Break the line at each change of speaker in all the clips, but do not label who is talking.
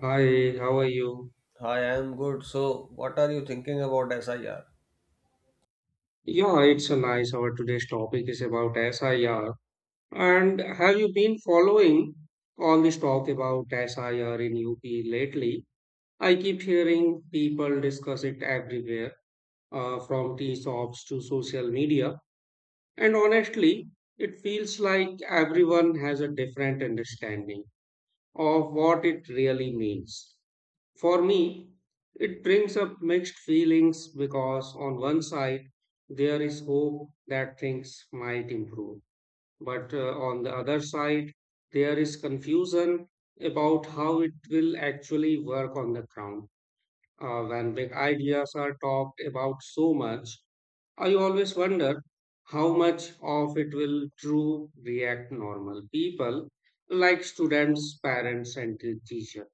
Hi, how are you?
Hi, I am good. So, what are you thinking about SIR?
Yeah, it's a nice hour. Today's topic is about SIR. And have you been following all this talk about SIR in UP lately? I keep hearing people discuss it everywhere, from tea shops to social media. And honestly, it feels like everyone has a different understanding of what it really means. For me, it brings up mixed feelings because, on one side, there is hope that things might improve. But on the other side, there is confusion about how it will actually work on the ground. When big ideas are talked about so much, I always wonder how much of it will true react normal people like students, parents, and teachers.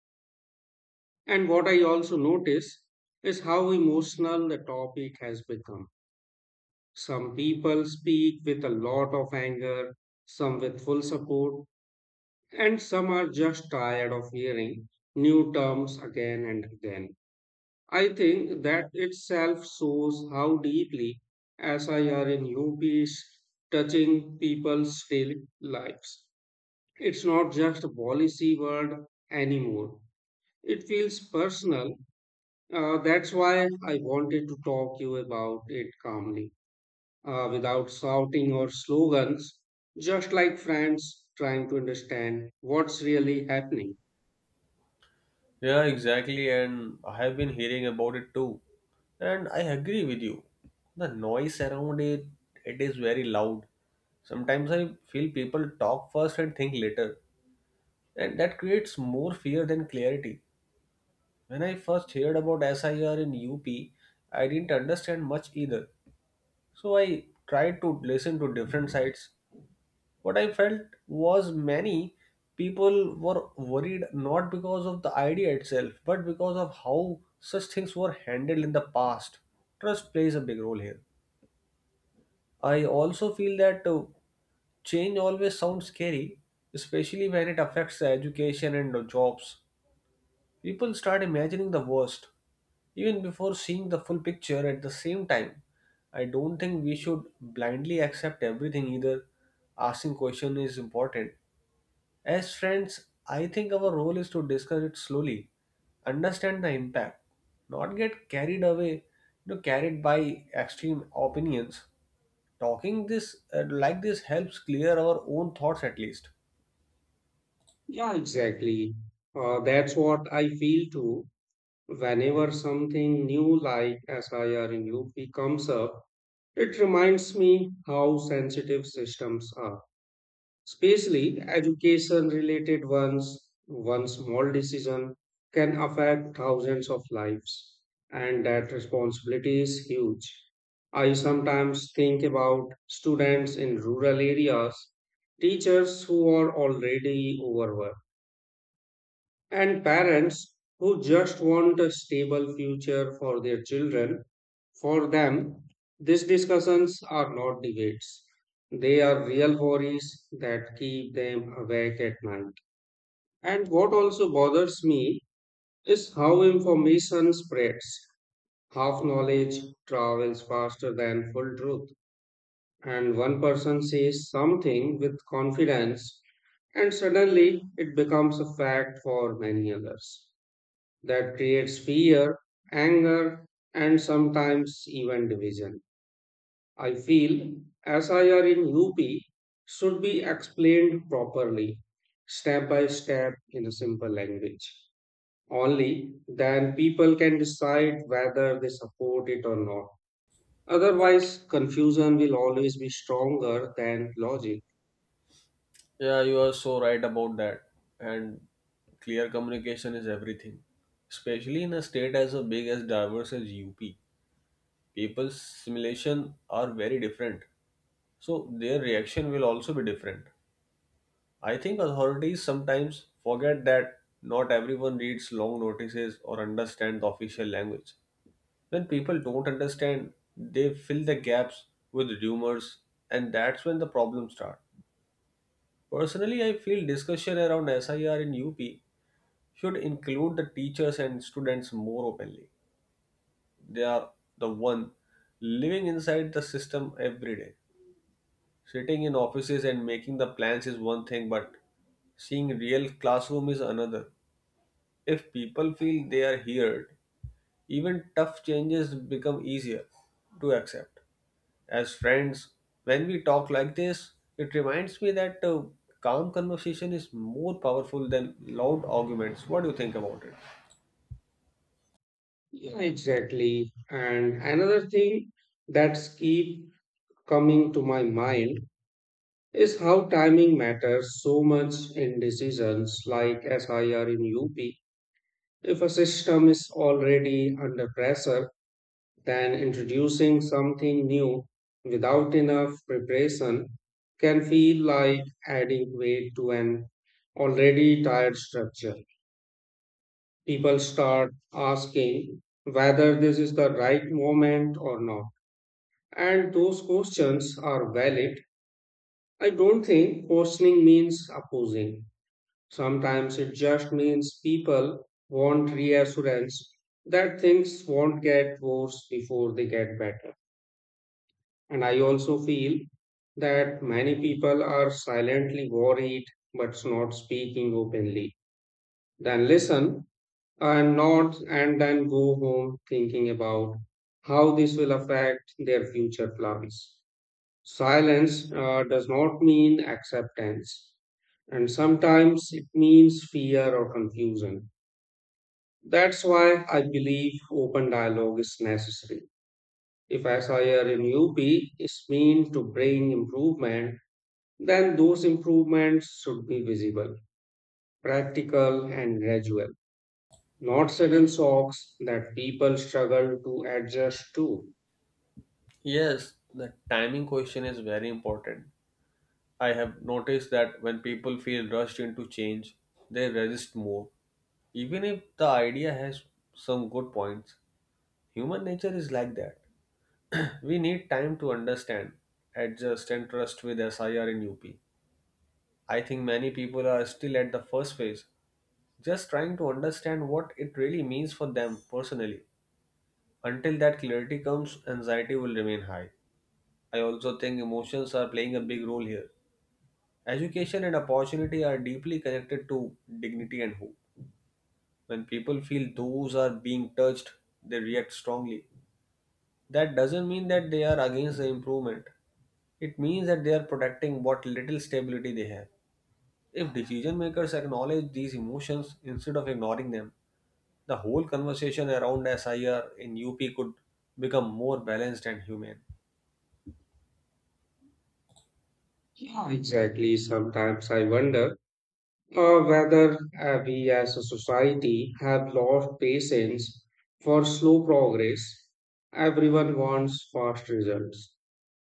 And what I also notice is how emotional the topic has become. Some people speak with a lot of anger, some with full support, and some are just tired of hearing new terms again and again. I think that itself shows how deeply SIR in UP is touching people's daily lives. It's not just a policy word anymore. It feels personal. That's why I wanted to talk you about it calmly, without shouting or slogans, just like friends trying to understand what's really happening.
Yeah, exactly. And I have been hearing about it too. And I agree with you. The noise around it, it is very loud. Sometimes I feel people talk first and think later. And that creates more fear than clarity. When I first heard about SIR in UP, I didn't understand much either. So I tried to listen to different sides. What I felt was many people were worried not because of the idea itself, but because of how such things were handled in the past. Trust plays a big role here. I also feel that change always sounds scary, especially when it affects the education and the jobs. People start imagining the worst, even before seeing the full picture at the same time. I don't think we should blindly accept everything either. Asking question is important. As friends, I think our role is to discuss it slowly, understand the impact, not get carried away, carried by extreme opinions. Talking this like this helps clear our own thoughts at least.
Yeah, exactly. That's what I feel too. Whenever something new like SIR in UP comes up, it reminds me how sensitive systems are, especially education related ones. One small decision can affect thousands of lives, and that responsibility is huge. I sometimes think about students in rural areas, teachers who are already overworked, and parents who just want a stable future for their children. For them, these discussions are not debates. They are real worries that keep them awake at night. And what also bothers me is how information spreads. Half knowledge travels faster than full truth. And one person says something with confidence, and suddenly it becomes a fact for many others. That creates fear, anger, and sometimes even division. I feel SIR in UP should be explained properly, step by step, in a simple language. Only then people can decide whether they support it or not. Otherwise, confusion will always be stronger than logic.
Yeah, you are so right about that. And clear communication is everything. Especially in a state as big as diverse as UP. People's simulation are very different. So their reaction will also be different. I think authorities sometimes forget that not everyone reads long notices or understands the official language. When people don't understand, they fill the gaps with rumors, and that's when the problems start. Personally, I feel discussion around SIR in UP should include the teachers and students more openly. They are the one living inside the system every day. Sitting in offices and making the plans is one thing, but seeing real classroom is another. If people feel they are heard, even tough changes become easier to accept. As friends, when we talk like this, it reminds me that calm conversation is more powerful than loud arguments. What do you think about it?
Yeah, exactly. And another thing that's keep coming to my mind is how timing matters so much in decisions like SIR in UP. If a system is already under pressure, then introducing something new without enough preparation can feel like adding weight to an already tired structure. People start asking whether this is the right moment or not. And those questions are valid. I don't think questioning means opposing. Sometimes it just means people want reassurance that things won't get worse before they get better. And I also feel that many people are silently worried but not speaking openly. Then listen and not, and then go home thinking about how this will affect their future plans. Silence does not mean acceptance, and sometimes it means fear or confusion. That's why I believe open dialogue is necessary. If SIR in UP is meant to bring improvement, then those improvements should be visible, practical, and gradual, not sudden shocks that people struggle to adjust to.
Yes, the timing question is very important. I have noticed that when people feel rushed into change, they resist more. Even if the idea has some good points, human nature is like that. We need time to understand, adjust, and trust with SIR in UP. I think many people are still at the first phase, just trying to understand what it really means for them personally. Until that clarity comes, anxiety will remain high. I also think emotions are playing a big role here. Education and opportunity are deeply connected to dignity and hope. When people feel those are being touched, they react strongly. That doesn't mean that they are against the improvement. It means that they are protecting what little stability they have. If decision makers acknowledge these emotions instead of ignoring them, the whole conversation around SIR in UP could become more balanced and humane.
Yeah. Exactly. Sometimes I wonder whether we as a society have lost patience for slow progress. Everyone wants fast results,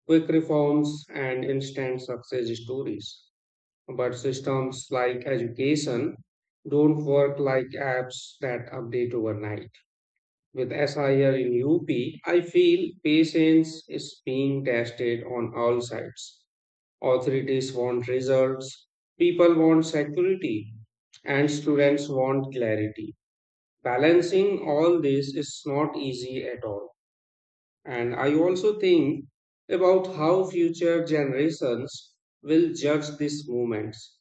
quick reforms, and instant success stories. But systems like education don't work like apps that update overnight. With SIR in UP, I feel patience is being tested on all sides. Authorities want results, people want security, and students want clarity. Balancing all this is not easy at all. And I also think about how future generations will judge these movements.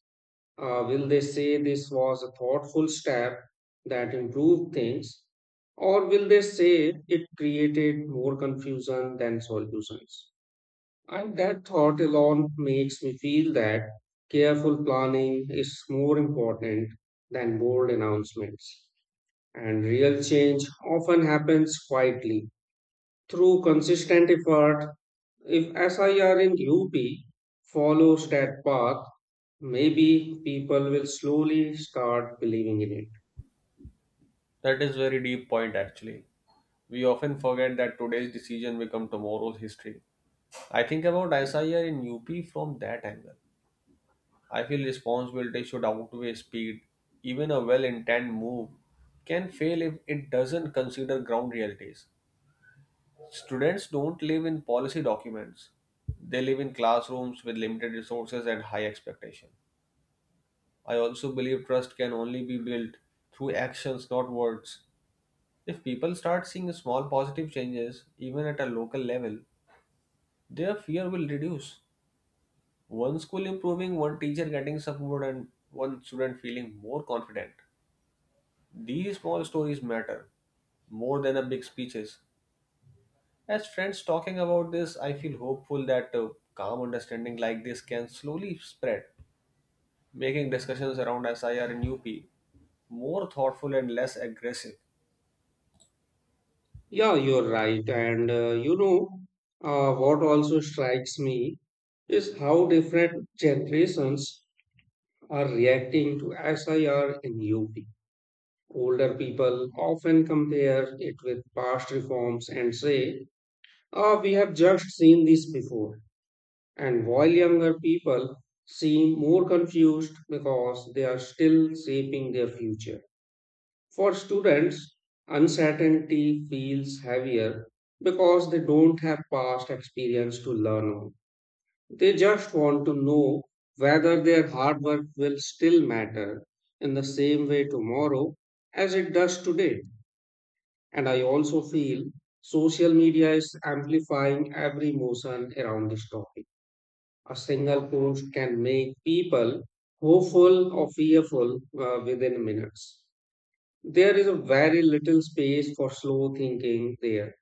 Will they say this was a thoughtful step that improved things? Or will they say it created more confusion than solutions? And that thought alone makes me feel that careful planning is more important than bold announcements. And real change often happens quietly through consistent effort. If SIR in UP follows that path, maybe people will slowly start believing in it.
That is very deep point actually. We often forget that today's decision become tomorrow's history. I think about SIR in UP from that angle. I feel responsibility should outweigh speed. Even a well-intended move can fail if it doesn't consider ground realities. Students don't live in policy documents. They live in classrooms with limited resources and high expectation. I also believe trust can only be built through actions, not words. If people start seeing small positive changes, even at a local level, their fear will reduce. One school improving, one teacher getting support, and one student feeling more confident. These small stories matter more than a big speeches. As friends talking about this, I feel hopeful that a calm understanding like this can slowly spread, making discussions around SIR and UP more thoughtful and less aggressive.
Yeah, you're right. And what also strikes me is how different generations are reacting to SIR in UP. Older people often compare it with past reforms and say, ah, we have just seen this before. And while younger people seem more confused because they are still shaping their future. For students, uncertainty feels heavier because they don't have past experience to learn on. They just want to know whether their hard work will still matter in the same way tomorrow as it does today. And I also feel social media is amplifying every emotion around this topic. A single post can make people hopeful or fearful within minutes. There is a very little space for slow thinking there.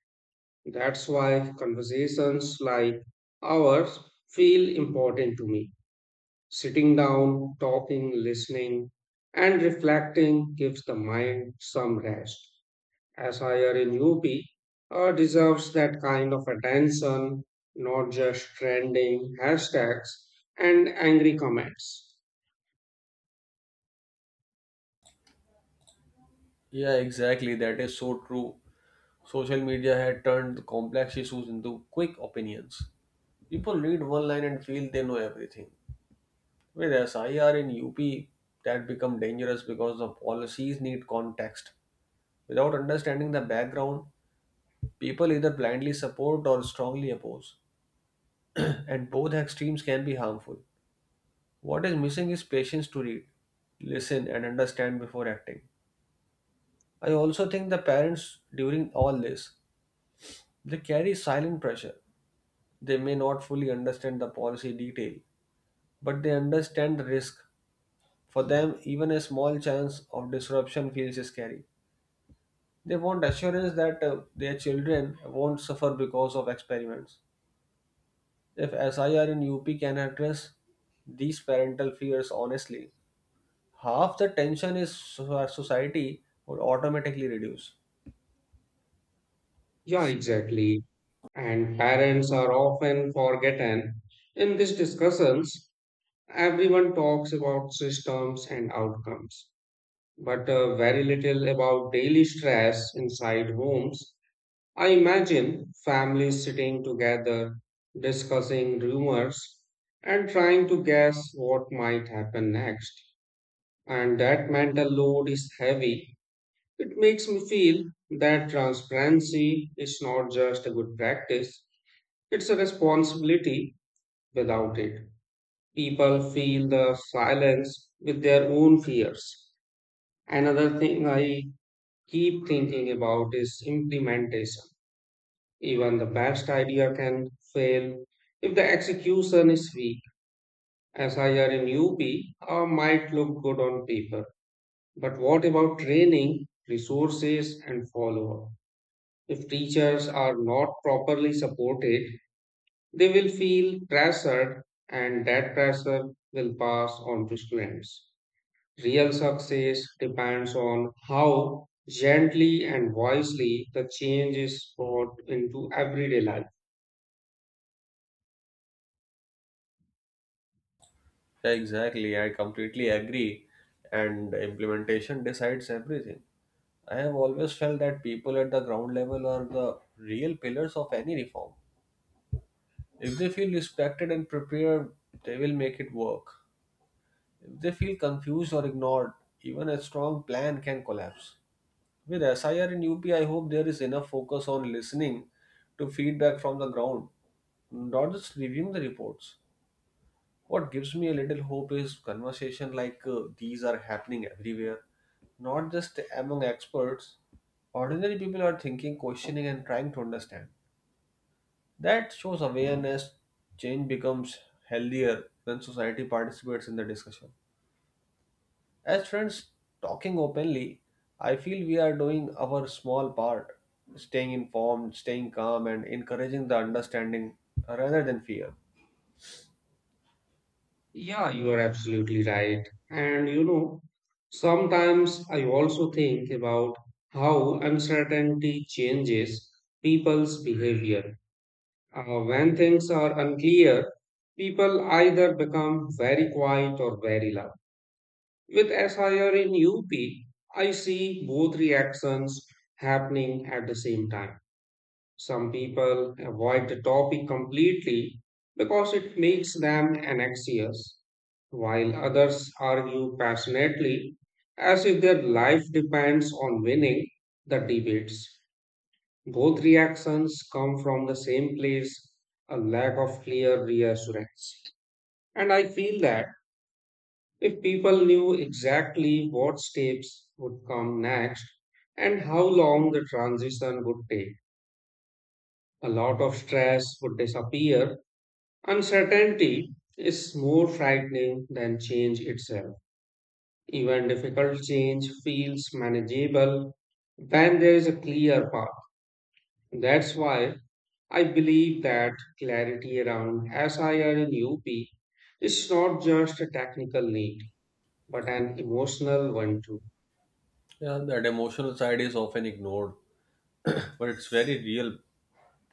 That's why conversations like ours feel important to me. Sitting down, talking, listening, and reflecting gives the mind some rest as higher in UP deserves that kind of attention, not just trending hashtags and angry comments.
Yeah, exactly. That is so true. Social media had turned complex issues into quick opinions. People read one line and feel they know everything. With SIR in UP, that become dangerous because the policies need context. Without understanding the background, people either blindly support or strongly oppose. And both extremes can be harmful. What is missing is patience to read, listen, and understand before acting. I also think the parents, during all this, they carry silent pressure. They may not fully understand the policy detail, but they understand the risk. For them, even a small chance of disruption feels scary. They want assurance that their children won't suffer because of experiments. If SIR in UP can address these parental fears honestly, half the tension is our society would automatically reduce.
Yeah, exactly. And parents are often forgotten. In these discussions, everyone talks about systems and outcomes, but very little about daily stress inside homes. I imagine families sitting together, discussing rumors, and trying to guess what might happen next. And that mental load is heavy. It makes me feel that transparency is not just a good practice, it's a responsibility. Without it, people feel the silence with their own fears. Another thing I keep thinking about is implementation. Even the best idea can fail if the execution is weak. SIR in UP might look good on paper, but what about training, resources, and follow up? If teachers are not properly supported, they will feel pressured, and that pressure will pass on to students. Real success depends on how gently and wisely the change is brought into everyday life.
Yeah, exactly. I completely agree. And implementation decides everything. I have always felt that people at the ground level are the real pillars of any reform. If they feel respected and prepared, they will make it work. If they feel confused or ignored, even a strong plan can collapse. With SIR and UP, I hope there is enough focus on listening to feedback from the ground, not just reviewing the reports. What gives me a little hope is conversation like these are happening everywhere, not just among experts. Ordinary people are thinking, questioning, and trying to understand. That shows awareness. Change becomes healthier when society participates in the discussion. As friends talking openly, I feel we are doing our small part, staying informed, staying calm, and encouraging the understanding rather than fear.
Yeah, you are absolutely right. And you know, sometimes I also think about how uncertainty changes people's behavior. When things are unclear, people either become very quiet or very loud. With SIR in UP, I see both reactions happening at the same time. Some people avoid the topic completely because it makes them anxious, while others argue passionately as if their life depends on winning the debates. Both reactions come from the same place, a lack of clear reassurance. And I feel that if people knew exactly what steps would come next and how long the transition would take, a lot of stress would disappear. Uncertainty is more frightening than change itself. Even difficult change feels manageable when there is a clear path. That's why I believe that clarity around SIR in UP is not just a technical need, but an emotional one too.
Yeah, that emotional side is often ignored but it's very real.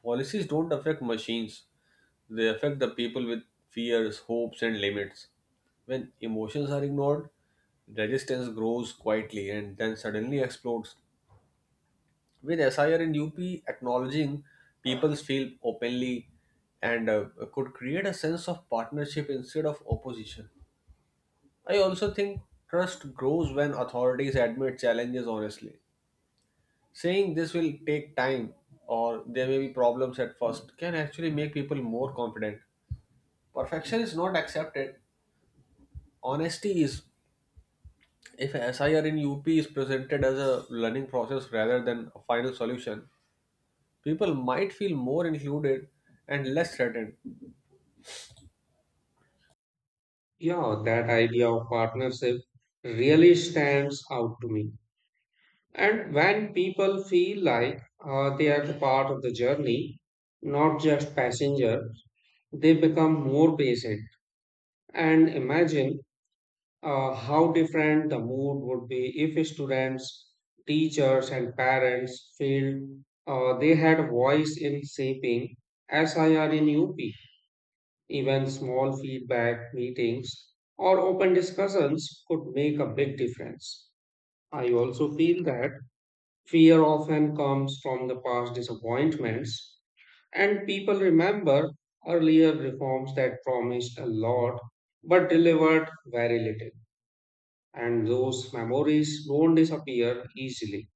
Policies don't affect machines, they affect the people with fears, hopes, and limits. When emotions are ignored, resistance grows quietly and then suddenly explodes. With SIR and UP acknowledging people's feel openly and could create a sense of partnership instead of opposition. I also think trust grows when authorities admit challenges honestly. Saying this will take time or there may be problems at first can actually make people more confident. Perfection is not accepted. Honesty is. If SIR in UP is presented as a learning process rather than a final solution, people might feel more included and less threatened.
Yeah, that idea of partnership really stands out to me. And when people feel like they are the part of the journey, not just passengers, they become more patient. And imagine how different the mood would be if students, teachers, and parents felt they had a voice in shaping SIR in UP. Even small feedback meetings or open discussions could make a big difference. I also feel that fear often comes from the past disappointments, and people remember earlier reforms that promised a lot but delivered very little. And those memories don't disappear easily.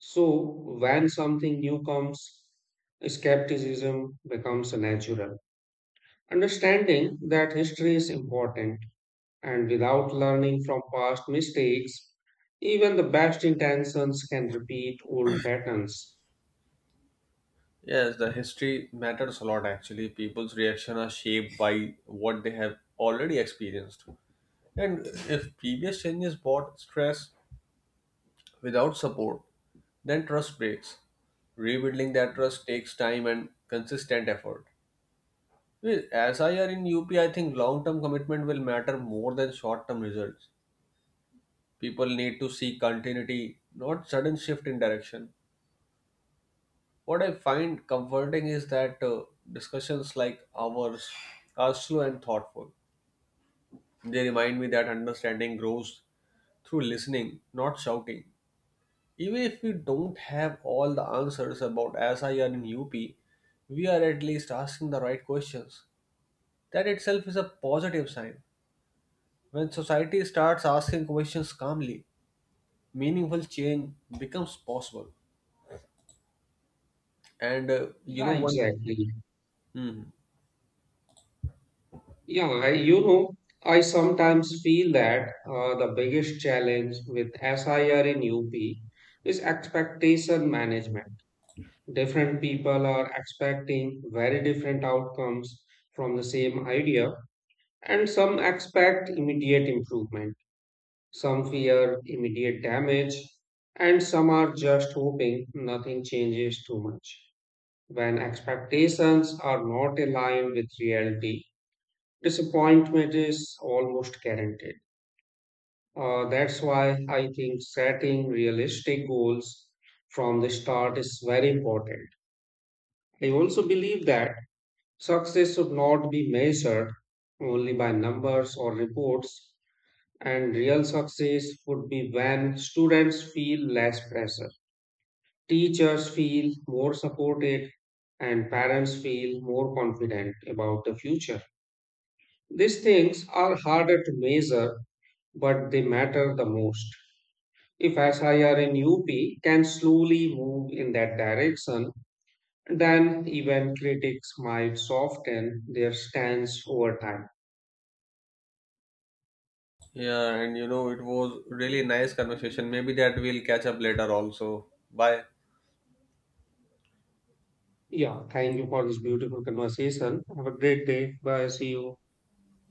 So, when something new comes, skepticism becomes natural. Understanding that history is important, and without learning from past mistakes, even the best intentions can repeat old patterns.
Yes, the history matters a lot actually. People's reaction are shaped by what they have already experienced. And if previous changes brought stress without support, then trust breaks. Rebuilding that trust takes time and consistent effort. With SIR in UP, I think long term commitment will matter more than short term results. People need to see continuity, not sudden shift in direction. What I find comforting is that discussions like ours are slow and thoughtful. They remind me that understanding grows through listening, not shouting. Even if we don't have all the answers about SIR in UP, we are at least asking the right questions. That itself is a positive sign. When society starts asking questions calmly, meaningful change becomes possible. And you
Yeah,
know, one thing.
exactly.
Mhm.
Yeah, I, you know, I sometimes feel that the biggest challenge with SIR in UP is expectation management. Different people are expecting very different outcomes from the same idea, and some expect immediate improvement, some fear immediate damage, and some are just hoping nothing changes too much. When expectations are not aligned with reality, disappointment is almost guaranteed. That's why I think setting realistic goals from the start is very important. I also believe that success should not be measured only by numbers or reports, and real success would be when students feel less pressure, teachers feel more supported, and parents feel more confident about the future. These things are harder to measure but they matter the most. If SIR in UP can slowly move in that direction, then even critics might soften their stance over time.
Yeah, and you know, it was really nice conversation. Maybe that we'll catch up later also. Bye.
Yeah, thank you for this beautiful conversation. Have a great day. Bye. See you.